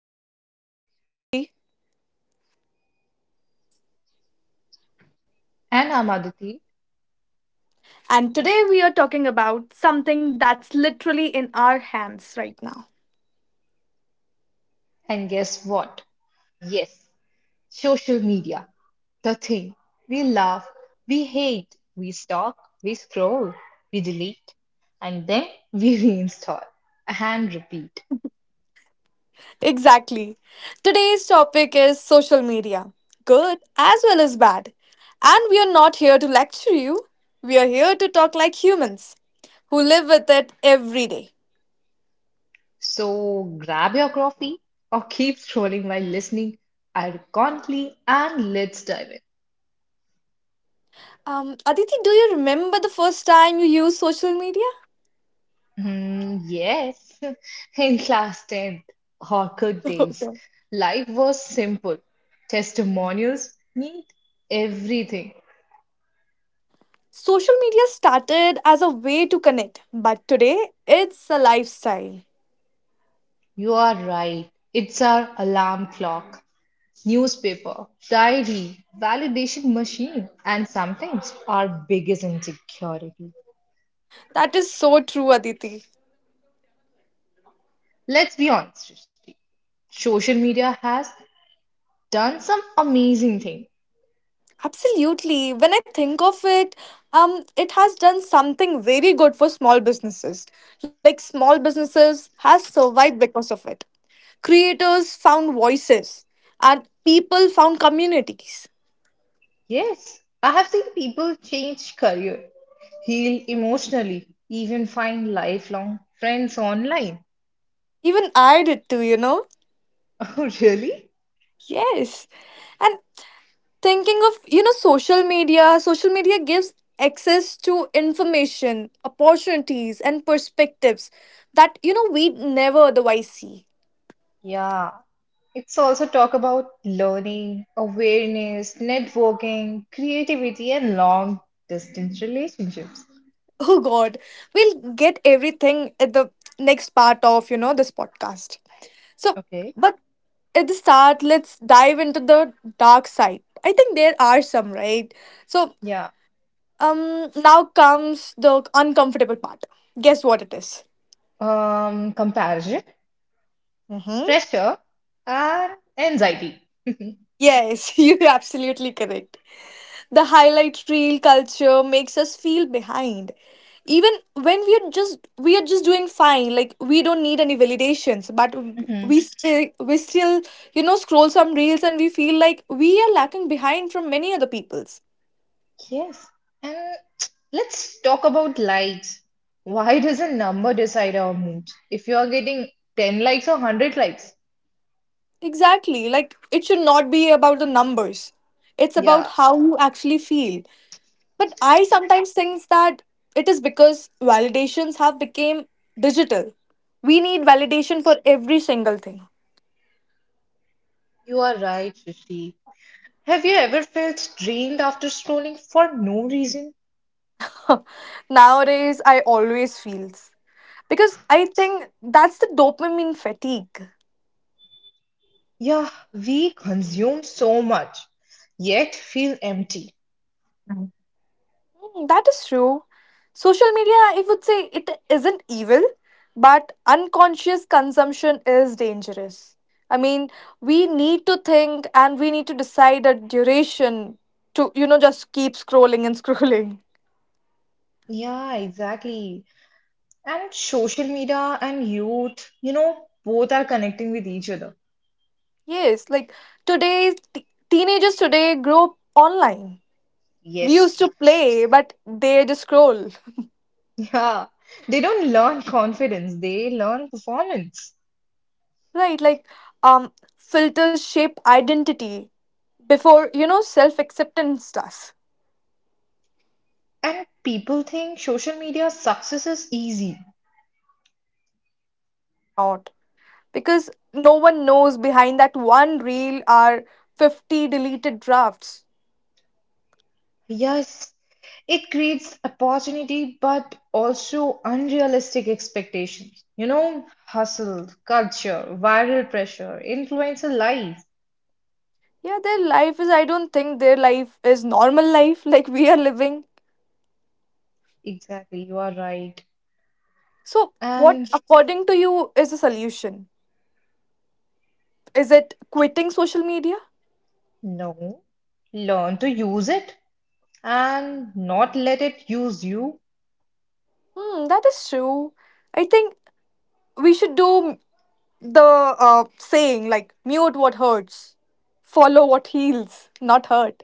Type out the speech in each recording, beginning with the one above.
podcast. I'm Srishti, And I'm Aditi, and today we are talking about something that's literally in our hands right now. and guess what? Yes, social media, the thing. We love, we hate, we stalk, we scroll, we delete, and then we reinstall and repeat. Exactly. Today's topic is social media good as well as bad. And we are not here to lecture you, we are here to talk like humans who live with it every day. So grab your coffee or keep scrolling while listening ironically and let's dive in. Aditi, do you remember the first time you used social media? Hmm, yes, in class 10th, Orchid days, Okay. life was simple. Testimonials mean everything. Social media started as a way to connect, but today it's a lifestyle. You are right. It's our alarm clock, newspaper, diary, validation machine, and sometimes our biggest insecurity. That is so true, Aditi. Let's be honest, Srishti. Social media has done some amazing thing. Absolutely. When I think of it, it has done something very good for small businesses. Like small businesses has survived because of it. Creators found voices and people found communities. Yes, I have seen people change career, heal emotionally, even find lifelong friends online. Even I did too, you know? Oh, really? Yes. And thinking of social media gives access to information, opportunities, and perspectives that we never otherwise see. Yeah. It's also talk about learning, awareness, networking, creativity, and long distance relationships. Oh god, we'll get everything at the next part of this podcast, so Okay. but at the start, let's dive into the dark side. I think there are some, right? So Yeah. um now comes the uncomfortable part. Guess what it is. Comparison, Mm-hmm. pressure, and anxiety. Yes, you're absolutely correct. The highlight reel culture makes us feel behind. Even when we are just doing fine, like we don't need any validations, but Hmm. we still scroll some reels and we feel like we are lacking behind from many other people's. Yes. And let's talk about likes. Why does a number decide our mood? If you are getting 10 likes or 100 likes, Exactly, like it should not be about the numbers. It's about yeah, how you actually feel. But I sometimes think that it is because validations have become digital. We need validation for every single thing. you are right, Srishti. Have you ever felt drained after scrolling for no reason? Nowadays, I always feels because I think that's the dopamine fatigue. Yeah, we consume so much, yet feel empty. Mm, that is true. Social media, I would say it isn't evil, but unconscious consumption is dangerous. I mean, we need to think and we need to decide a duration to, you know, just keep scrolling and scrolling. Yeah, exactly. And social media and youth, both are connecting with each other. Yes, like teenagers today grow up online. We used Yes. to play, but they just scroll. Yeah, they don't learn confidence, they learn performance. Right, like um filters shape identity before self acceptance does. And people think social media success is easy. But it is actually not, because no one knows behind that one reel are 50 deleted drafts. Yes, it creates opportunity but also unrealistic expectations. Hustle, culture, viral pressure, influencer life. Yeah, their life is, I don't think their life is normal life, like we are living. Exactly, you are right. So what And according to you is a solution? Is it quitting social media? no, learn to use it and not let it use you. Hmm, that is true. I think we should do the saying, like mute what hurts, follow what heals, not hurt.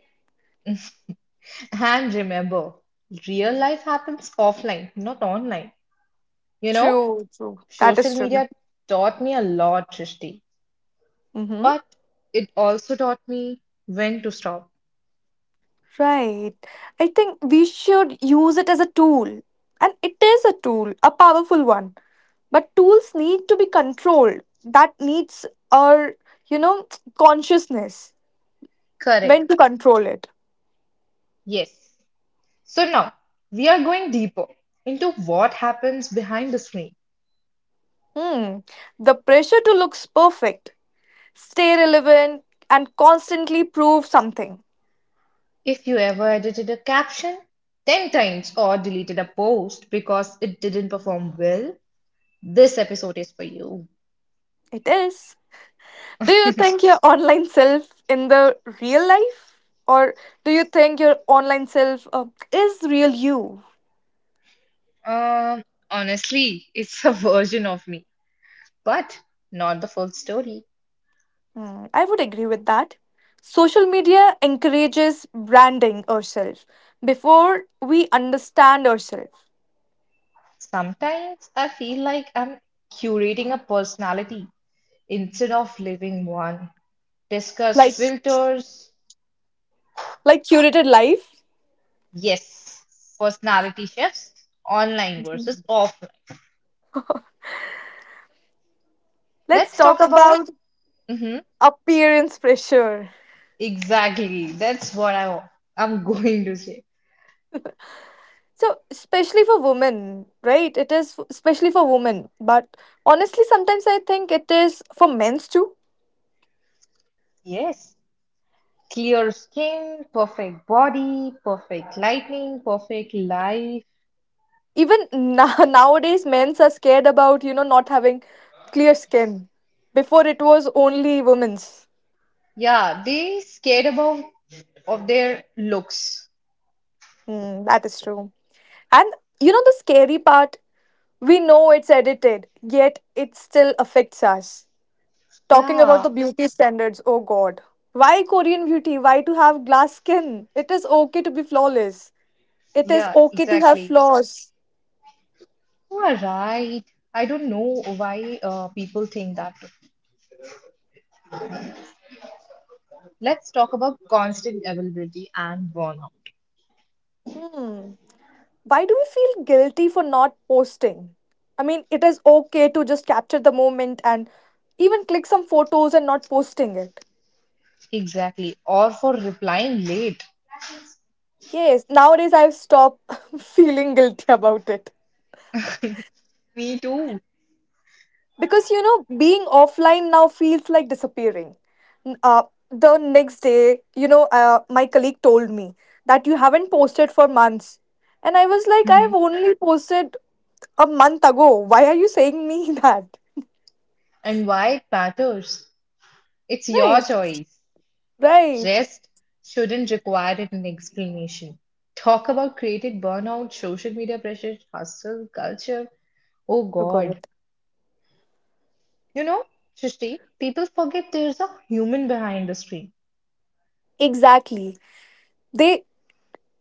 And remember, real life happens offline, not online. You know, True, true, that is Social true. media taught me a lot, Trishti, Mm-hmm. but it also taught me when to stop. Right, I think we should use it as a tool, and it is a tool, a powerful one, but tools need to be controlled. That needs our, you know, consciousness when Correct. to control it. Yes. So now we are going deeper into what happens behind the screen. Hmm. The pressure to look perfect, stay relevant, and constantly prove something. If you ever edited a caption 10 times or deleted a post because it didn't perform well, this episode is for you. It is. Do you think your online self in the real life? Or do you think your online self is real you? Um, Honestly, it's a version of me, but not the full story. Hmm, I would agree with that. Social media encourages branding ourselves before we understand ourselves. Sometimes I feel like I'm curating a personality instead of living one. Discussed Like, filters, curated life. yes, personality shifts, online versus offline. Let's Let's talk talk about. about Mhm. appearance pressure. Exactly. That's what I'm going to say. So especially for women, right? Especially for women, but honestly sometimes I think it is for men's too. Yes. Clear skin, perfect body, perfect lighting, perfect life. Even nowadays, men's are scared about, you know, not having clear skin. Before it was only women's. Yeah, they scared about of their looks. Hmm, that is true. And you know the scary part? We know it's edited, yet it still affects us. Talking about the Yeah, beauty standards, oh god. Why Korean beauty? Why to have glass skin? It is okay to be flawless. It is yeah, okay to have exactly. flaws. You are right. I don't know why people think that. Let's talk about constant availability and burnout. Hmm. Why do we feel guilty for not posting? I mean, it is okay to just capture the moment and even click some photos and not posting it. Exactly. Or for replying late. Yes, nowadays I've stopped feeling guilty about it. Me too. Because you know, being offline now feels like disappearing. N- Uh, the next day, you know, my colleague told me that you haven't posted for months. And I was like, I've Mhm. only posted a month ago. Why are you saying me that? And why it matters. It's your Right, choice. right. Rest shouldn't require it an explanation. Talk about created burnout, social media pressure, hustle, culture. Oh Oh God. God. You know, Srishti, people forget there's a human behind the screen. Exactly. They,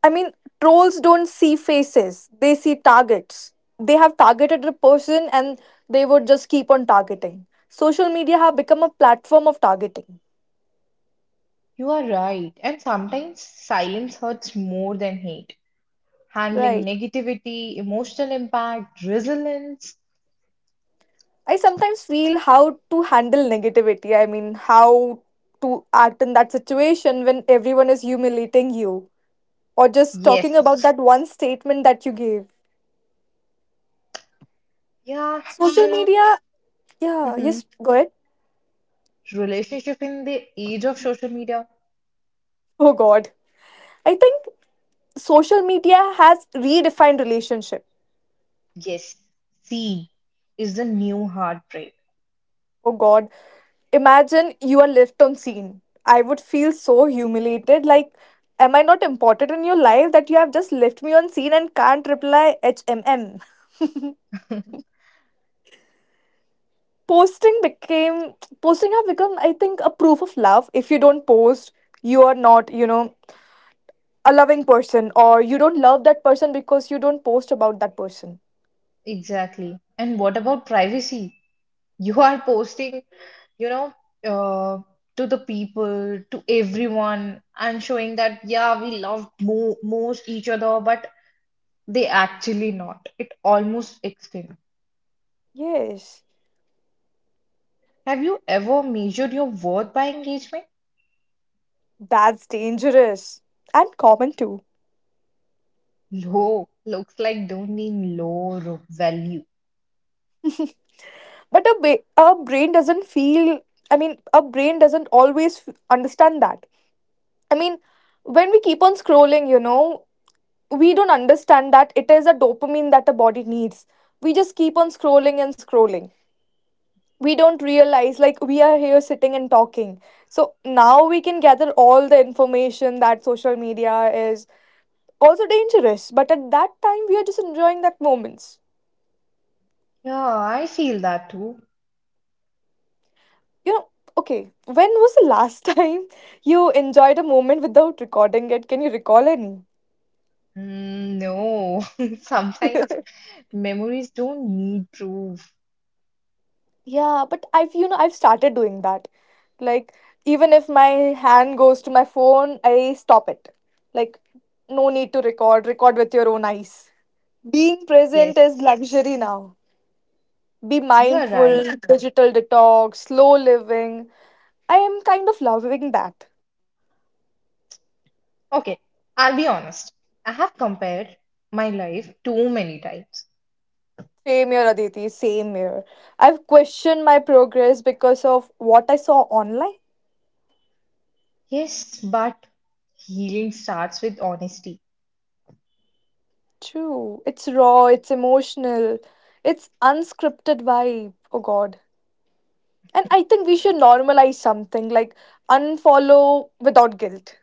I mean, trolls don't see faces, they see targets. They have targeted a person and they would just keep on targeting. Social media have become a platform of targeting. You are right. And sometimes silence hurts more than hate. Handling Right. negativity, emotional impact, resilience. I sometimes feel how to handle negativity. I mean, how to act in that situation when everyone is humiliating you or just talking Yes. about that one statement that you gave. Yeah, you Social know, media, yeah, mhm. yes, go ahead. Relationship in the age of social media. Oh God. I think social media has redefined relationship. Yes, see, is the new heartbreak. Oh god, imagine you are left on scene. I would feel so humiliated, like am I not important in your life that you have just left me on scene and can't reply? Hmm. posting became Posting have become, I think, a proof of love. If you don't post, you are not, you know, a loving person, or you don't love that person because you don't post about that person. Exactly. And what about privacy? You are posting, you know, uh, to the people, to everyone, and showing that, yeah, we love mo most each other, but they actually not. It almost extinct. Yes, Have you ever measured your worth by engagement? that's dangerous and common too. Low looks like don't mean low value. But our brain doesn't feel, I mean our brain doesn't always understand that. I mean, when we keep on scrolling, you know, we don't understand that it is a dopamine that the body needs. We just keep on scrolling and scrolling. We don't realize, like we are here sitting and talking, so now we can gather all the information that social media is also dangerous, but at that time we are just enjoying that moments. Yeah, I feel that too. You know, okay, when was the last time you enjoyed a moment without recording it? Can you recall any? Mm, no, sometimes memories don't need proof. Yeah, but I've, you know, I've started doing that. Like, even if my hand goes to my phone, I stop it. Like, no need to record, record with your own eyes. Being present is Yes, luxury now. Be you are right. mindful, digital detox, slow living. I am kind of loving that. Okay, I'll be honest. I have compared my life too many times. Same here, Aditi. Same here. I've questioned my progress because of what I saw online. Yes, but healing starts with honesty. True. It's raw, it's emotional, it's unscripted vibe. Oh, God. And I think we should normalize something like unfollow without guilt.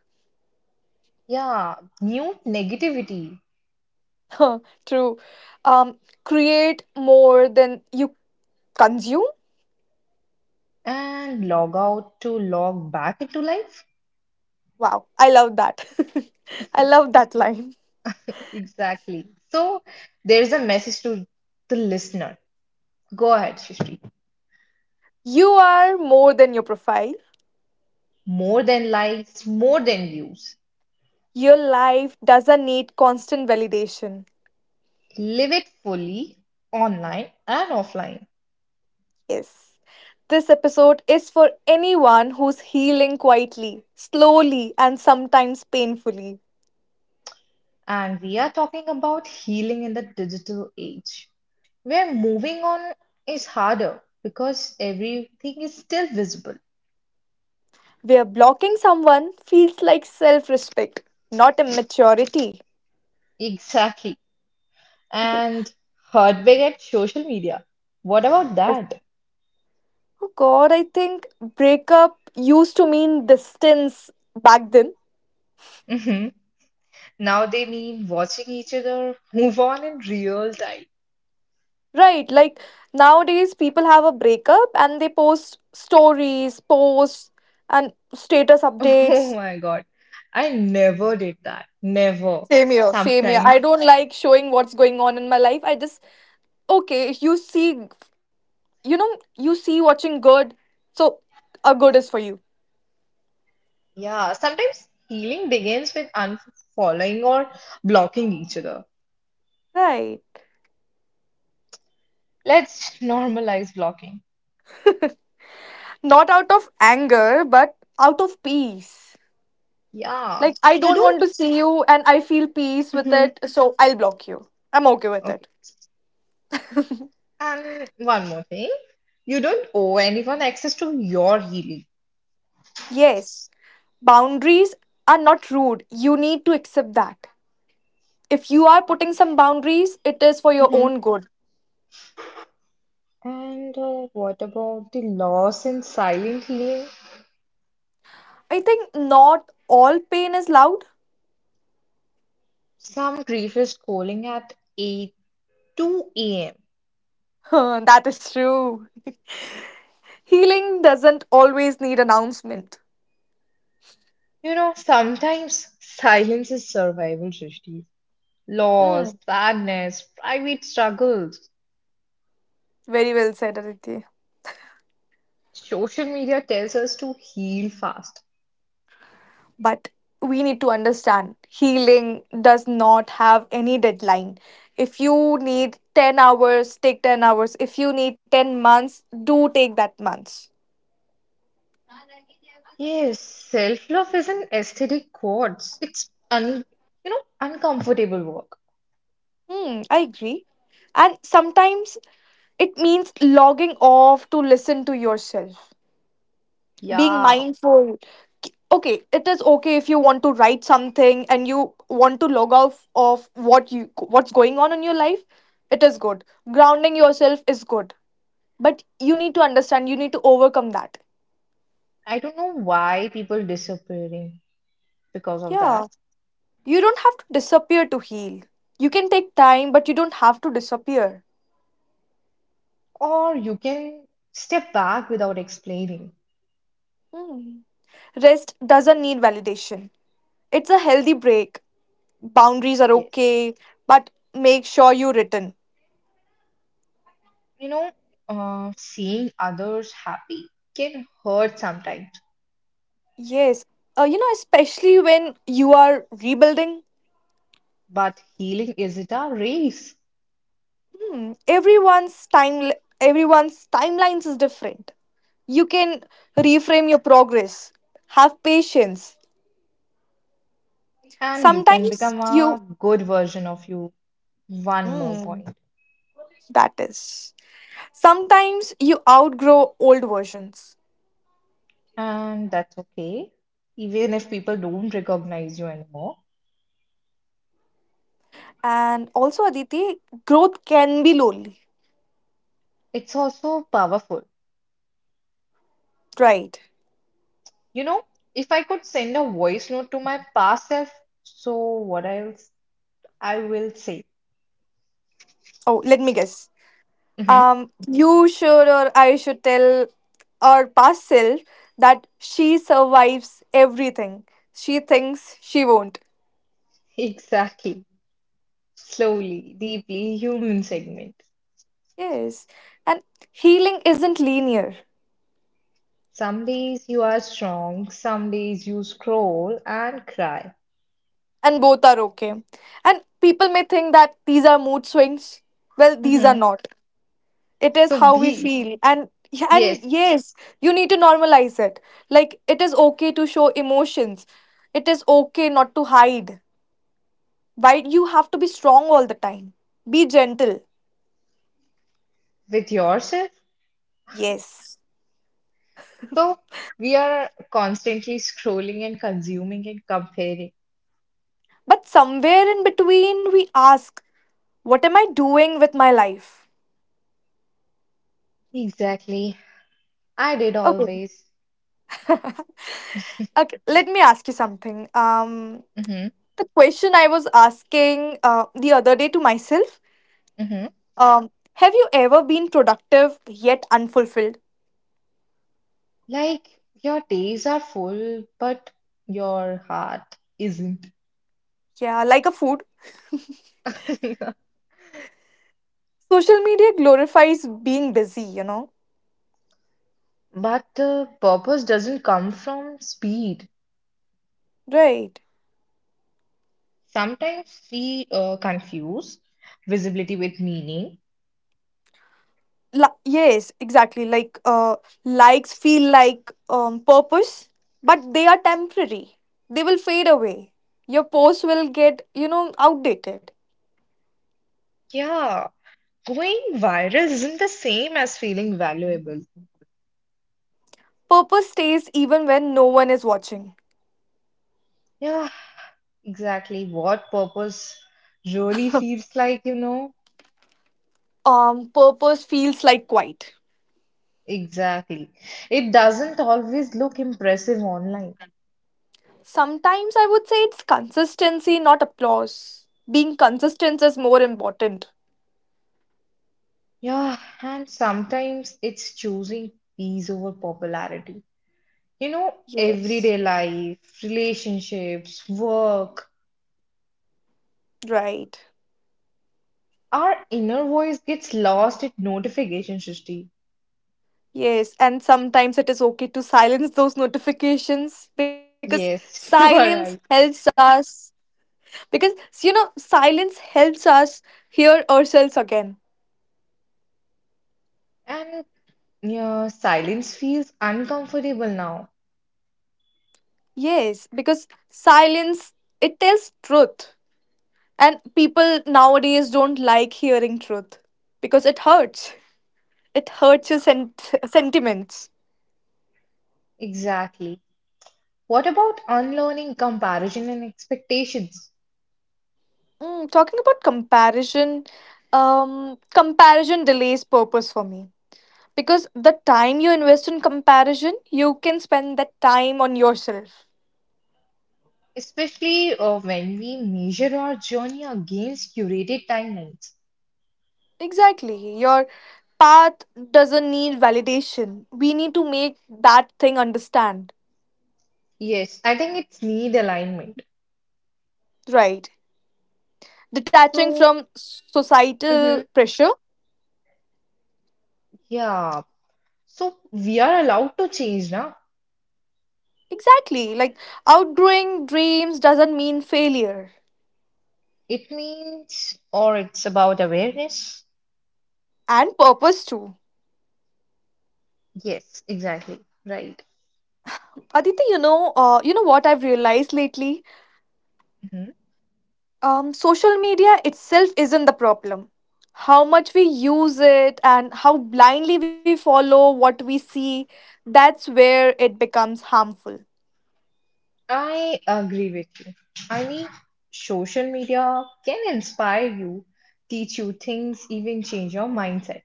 Yeah, mute negativity True. Um, Create more than you consume. and log out to log back into life. Wow. I love that. I love that line. Exactly. So there's a message to the listener. Go ahead, Shishri. You are more than your profile. More than likes, more than views. Your life doesn't need constant validation. Live it fully online and offline. Yes. This episode is for anyone who's healing quietly, slowly, and sometimes painfully. And we are talking about healing in the digital age where moving on is harder because everything is still visible. Where blocking someone feels like self respect, not immaturity. Exactly. And heartbreak at social media. What about that? Oh god, I think breakup used to mean distance back then. Hmm. Now they mean watching each other move on in real time. Right, like nowadays people have a breakup and they post stories, posts, and status Oh updates. my God. I never did that. Never. Same here, same here. I Sometimes. don't like showing what's going on in my life. I just okay if you see, you know, you see watching good, so a good is for you. Yeah, sometimes healing begins with unfollowing or blocking each other. Right, Let's normalize blocking. not out of anger but out of peace. Yeah, Like I you don't want don't. to see you and I feel peace with Mhm. it, so I'll block you. I'm okay with it. Okay. And one more thing, you don't owe anyone access to your healing. Yes, boundaries are not rude. You need to accept that if you are Ah, putting some boundaries it is for your mhm. own good. And what about the loss in silent healing? I think not all pain is loud. Some grief is calling at 8, 2 a.m. That is true. Healing doesn't always need announcement. Sometimes silence is survival, Srishti. Loss, Mm, sadness, private struggles. very well said, Aditi. Social media tells us to heal fast. But we need to understand healing does not have any deadline. If you need 10 hours, take 10 hours. If you need 10 months, do take that months. Yes, self-love is an aesthetic quartz. It's un, uncomfortable work. Hmm, I agree. And sometimes it means logging off to listen to yourself. Being Yeah, mindful, okay, it is okay if you want to write something and you want to log off of what you, what's going on in your life, it is good. Grounding yourself is good, but you need to understand you need to overcome that. I don't know why people disappearing because of that. Yeah, you don't have to disappear to heal. You can take time, but you don't have to disappear. Or you can step back without explaining. Hmm. Rest doesn't need validation. It's a healthy break. Boundaries are Yes, okay, but make sure you return. you know, seeing others happy can hurt sometimes, Yes. You know, especially when you are rebuilding, but healing isn't a race. hmm, everyone's timelines is different. You can reframe your progress. Have patience. And you can Sometimes become you, a good version of you. One more hmm, point. that is. Sometimes you outgrow old versions. And that's okay. Even if people don't recognize you anymore, And also Aditi, growth can be lonely. it's also powerful. Right. You know, if I could send a voice note to my past self, so what else I will say? Oh, let me guess. Mhm. You should, or I should tell our past self that she survives everything. She thinks she won't. Exactly. Slowly, deeply human segment. Yes. And healing isn't linear, Some days you are strong, some days you scroll and cry. and both are okay. And people may think that these are mood swings. Well, these are Mhm. not. It is So how we be, feel. And yes, yes, you need to normalize it. Like it is okay to show emotions. It is okay not to hide. Why you have to be strong all the time? Be gentle. with yourself. Yes. So we are constantly scrolling and consuming and comparing. But somewhere in between, we ask, what am I doing with my life? Exactly. I did Okay. always. Okay. Let me ask you something. Hmm. The question I was asking the other day to myself. Hmm. Have you ever been productive yet unfulfilled? Like your days are full, but your heart isn't. Yeah, like a food. Social media glorifies being busy, you know. But purpose doesn't come from speed. Right. Sometimes we confuse visibility with meaning. Yes, exactly, like likes feel like purpose, but they are temporary, they will fade away, your post will get outdated. Yeah, going viral isn't the same as feeling valuable. Purpose stays even when no one is watching. Yeah, exactly what purpose really feels like, you know? Purpose feels like quiet. Exactly. It doesn't always look impressive online. Sometimes I would say it's consistency, not applause. Being consistent is more important. Yeah, and sometimes it's choosing peace over popularity. Yes. Everyday life, relationships, work, Right. our inner voice gets lost at notification, Srishti. Yes, and sometimes it is okay to silence those notifications because Yes, you are silence right. helps us. Because, you know, silence helps us hear ourselves again. And yeah, silence feels uncomfortable now. Yes, because silence, it tells truth, and people nowadays don't like hearing truth because it hurts. It hurts your Yeah. Sentiments. Exactly. What about unlearning comparison and expectations, Mm, talking about comparison, comparison delays purpose for me, because the time you invest in comparison you can spend that time on yourself. especially when we measure our journey against curated timelines? Exactly. Your path doesn't need validation. We need to make that thing understand. Yes, I think it's need alignment. Right. Detaching So, from mhm, societal pressure. yeah, so we are allowed to change now. Exactly, like outgrowing dreams doesn't mean failure. It means, or it's about awareness. And purpose too. Yes, exactly, right. Aditi, you know what I've realized lately. Mhm. Social media itself isn't the problem. How much we use it and how blindly we follow what we see, that's where it becomes harmful. I agree with you. I mean, social media can inspire you, teach you things, even change your mindset.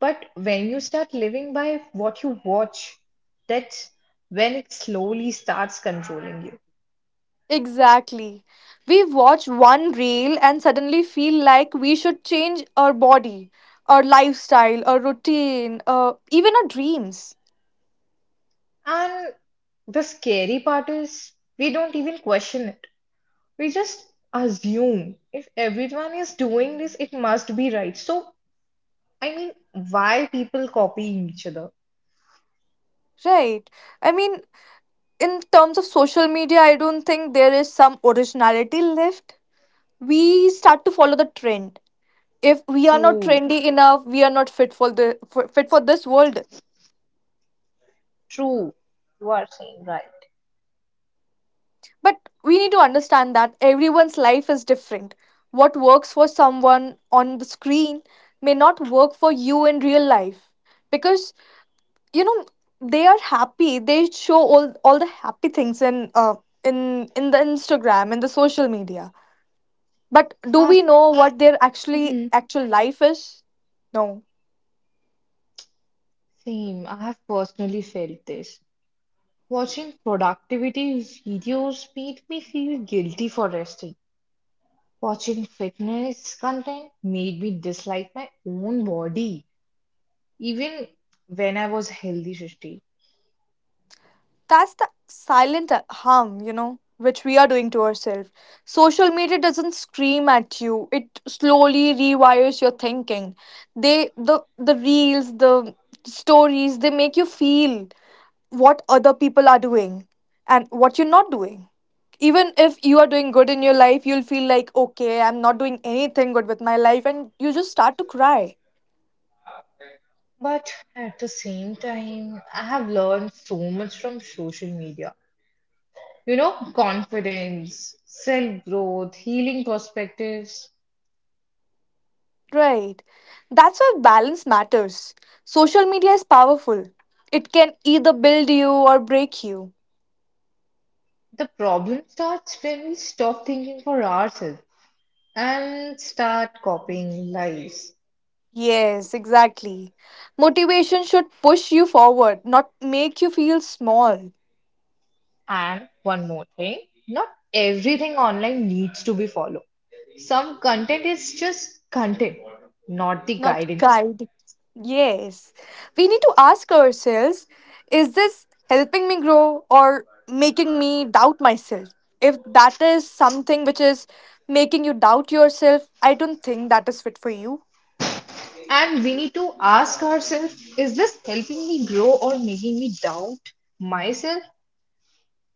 But when you start living by what you watch, that's when it slowly starts controlling you. Exactly. We watch one reel and suddenly feel like we should change our body, our lifestyle, our routine, even our dreams. And the scary part is we don't even question it. We just assume if everyone is doing this, it must be right. So, I mean, why people copying each other? Right. I mean, in terms of social media, I don't think there is some originality left. We start to follow the trend. If we are not True, trendy enough, we are not fit fit for this world. true. You are saying right. But we need to understand that everyone's life is different. What works for someone on the screen may not work for you in real life. Because, you know, they are happy, they show all the happy things in in the Instagram, in the social media. But do we I've, know what their mhm. actual life is? No. Same. I have personally felt this. Watching productivity videos made me feel guilty for resting. Watching fitness content made me dislike my own body, even when I was healthy, Srishti. That's the silent harm, you know, which we are doing to ourselves. Social media doesn't scream at you. It slowly rewires your thinking. They, the reels, the stories, they make you feel what other people are doing and what you're not doing. Even if you are doing good in your life, you'll feel like, okay, I'm not doing anything good with my life, and you just start to cry. But at the same time, I have learned so much from social media. Confidence, self growth, healing perspectives. Right. That's why balance matters. Social media is powerful. It can either build you or break you. The problem starts when we stop thinking for ourselves and start copying lives. Yes, exactly. Motivation should push you forward, not make you feel small, And one more thing, not everything online needs to be followed. Some content is just content, not the not guidance. guide. Yes. We need to ask ourselves, is this helping me grow or making me doubt myself? If that is something which is making you doubt yourself, I don't think that is fit for you. And we need to ask ourselves is this helping me grow or making me doubt myself?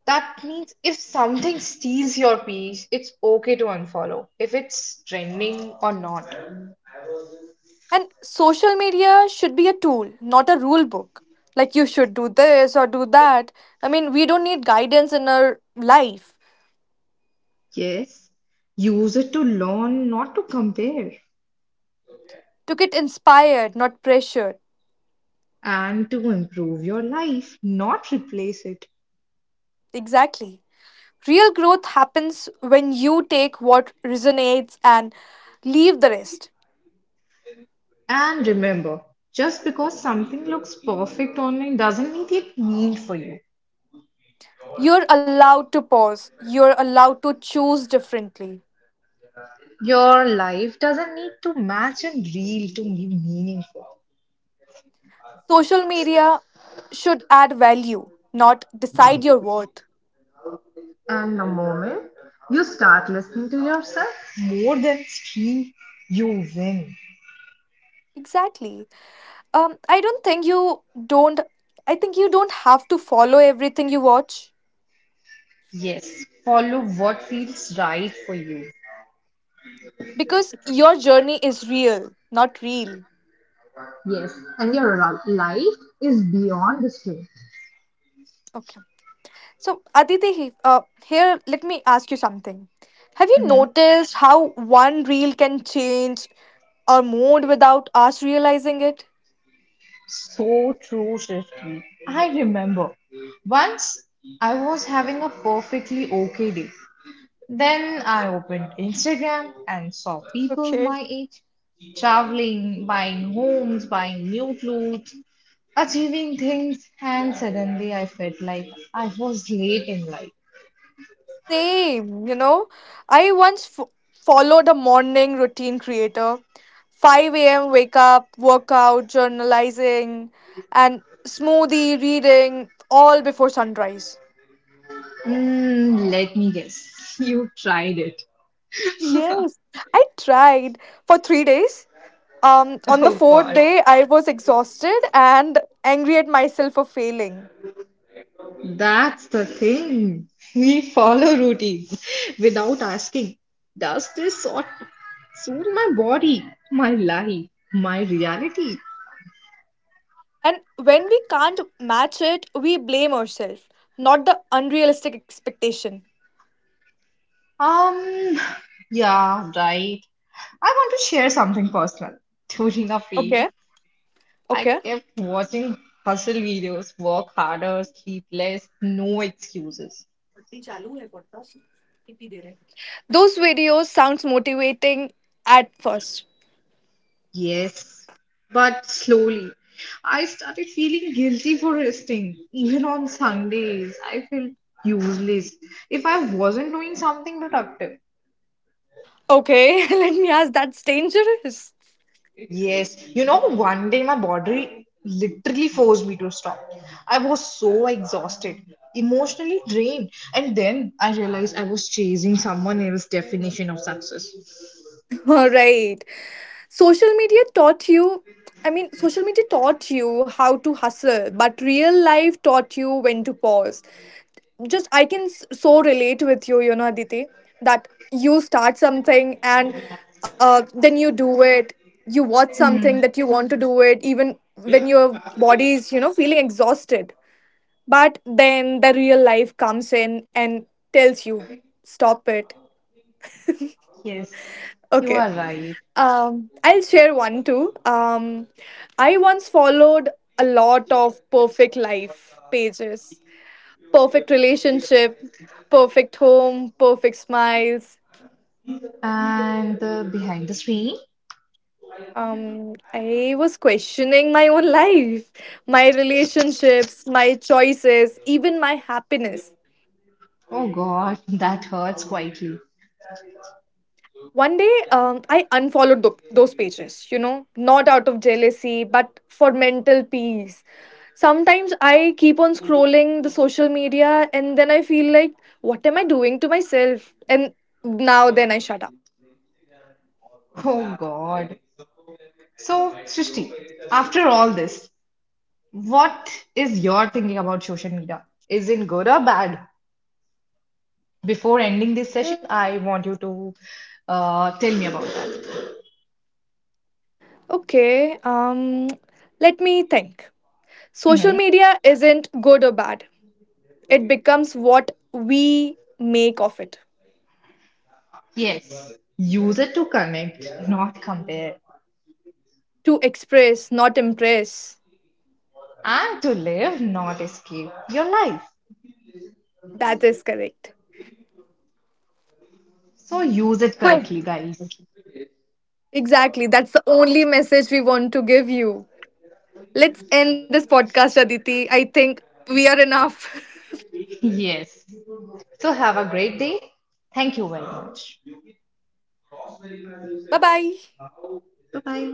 That means if something steals your peace, it's okay to unfollow, if it's trending or not. And social media should be a tool, not a rule book. Like, you should do this or do that. I mean, we don't need guidance in our life, Yes, use it to learn, not to compare, to get inspired, not pressured. and to improve your life, not replace it. Exactly. Real growth happens when you take what resonates and leave the rest. And remember, just because something looks perfect online doesn't mean it mean for you. You're allowed to pause, you're allowed to choose differently. Your life doesn't need to match and reel to be meaningful. Social media should add value, not decide your worth. And the moment you start listening to yourself, more than stream, you win. Exactly. I don't think you don't. I think you don't have to follow everything you watch Yes, follow what feels right for you. because your journey is real, not real. Yes, and your life is beyond the screen. Okay. So, Aditi, here, let me ask you something. Have you Mm-hmm. noticed how one reel can change our mood without us realizing it? So true, Srishti. I remember once I was having a perfectly okay day. Then I opened Instagram and saw people Okay. my age traveling, buying homes, buying new clothes, achieving things, and suddenly I felt like I was late in life. Same, you know. I once followed a morning routine creator. 5 a.m. wake up, workout, journalizing, and smoothie, reading, all before sunrise. Mm, let me guess, you tried it. Yes. I tried for 3 days. On the Oh fourth God. day, I was exhausted and angry at myself for failing. That's the thing. We follow routines without asking, does this sort suit my body, my life, my reality? And when we can't match it, we blame ourselves, not the unrealistic expectation. Um, yeah, right. I want to share something personal. During a phase, Okay. I Okay. kept watching hustle videos, work harder, sleep less, no excuses. Those videos sounds motivating at first. Yes, but slowly. I started feeling guilty for resting. Even on Sundays, I felt useless if I wasn't doing something productive. Okay, let me ask, that's dangerous. Yes, one day my body literally forced me to stop. I was so exhausted, emotionally drained, and then I realized I was chasing someone else's definition of success. All right. Social media taught you I mean, social media taught you how to hustle, but real life taught you when to pause. Just I can so relate with you, you know, Aditi, that you start something and then you do it. You watch something that you want to do it even when your body is, you know, feeling exhausted. But then the real life comes in and tells you, stop it. Yes, you Okay. are right. I'll share one too. I once followed a lot of perfect life pages, perfect relationship, perfect home, perfect smiles. And the behind the screen. I was questioning my own life, my relationships, my choices, even my happiness. Oh God, that hurts quietly. One day, I unfollowed those pages, you know, not out of jealousy, but for mental peace. Sometimes I keep on scrolling the social media and then I feel like, what am I doing to myself? And now then I shut up. Oh God. So, Srishti, after all this, what is your thinking about social media? Is it good or bad? Before ending this session, Mm, I want you to tell me about it. okay, let me think. Social Hmm. media isn't good or bad, it becomes what we make of it. Yes. Use it to connect, not compare. To express, not impress. And to live, not escape your life. That is correct. So use it correctly, guys. Exactly. That's the only message we want to give you. Let's end this podcast, Aditi. I think we are enough. Yes. So have a great day. Thank you very much. Bye bye. Bye bye.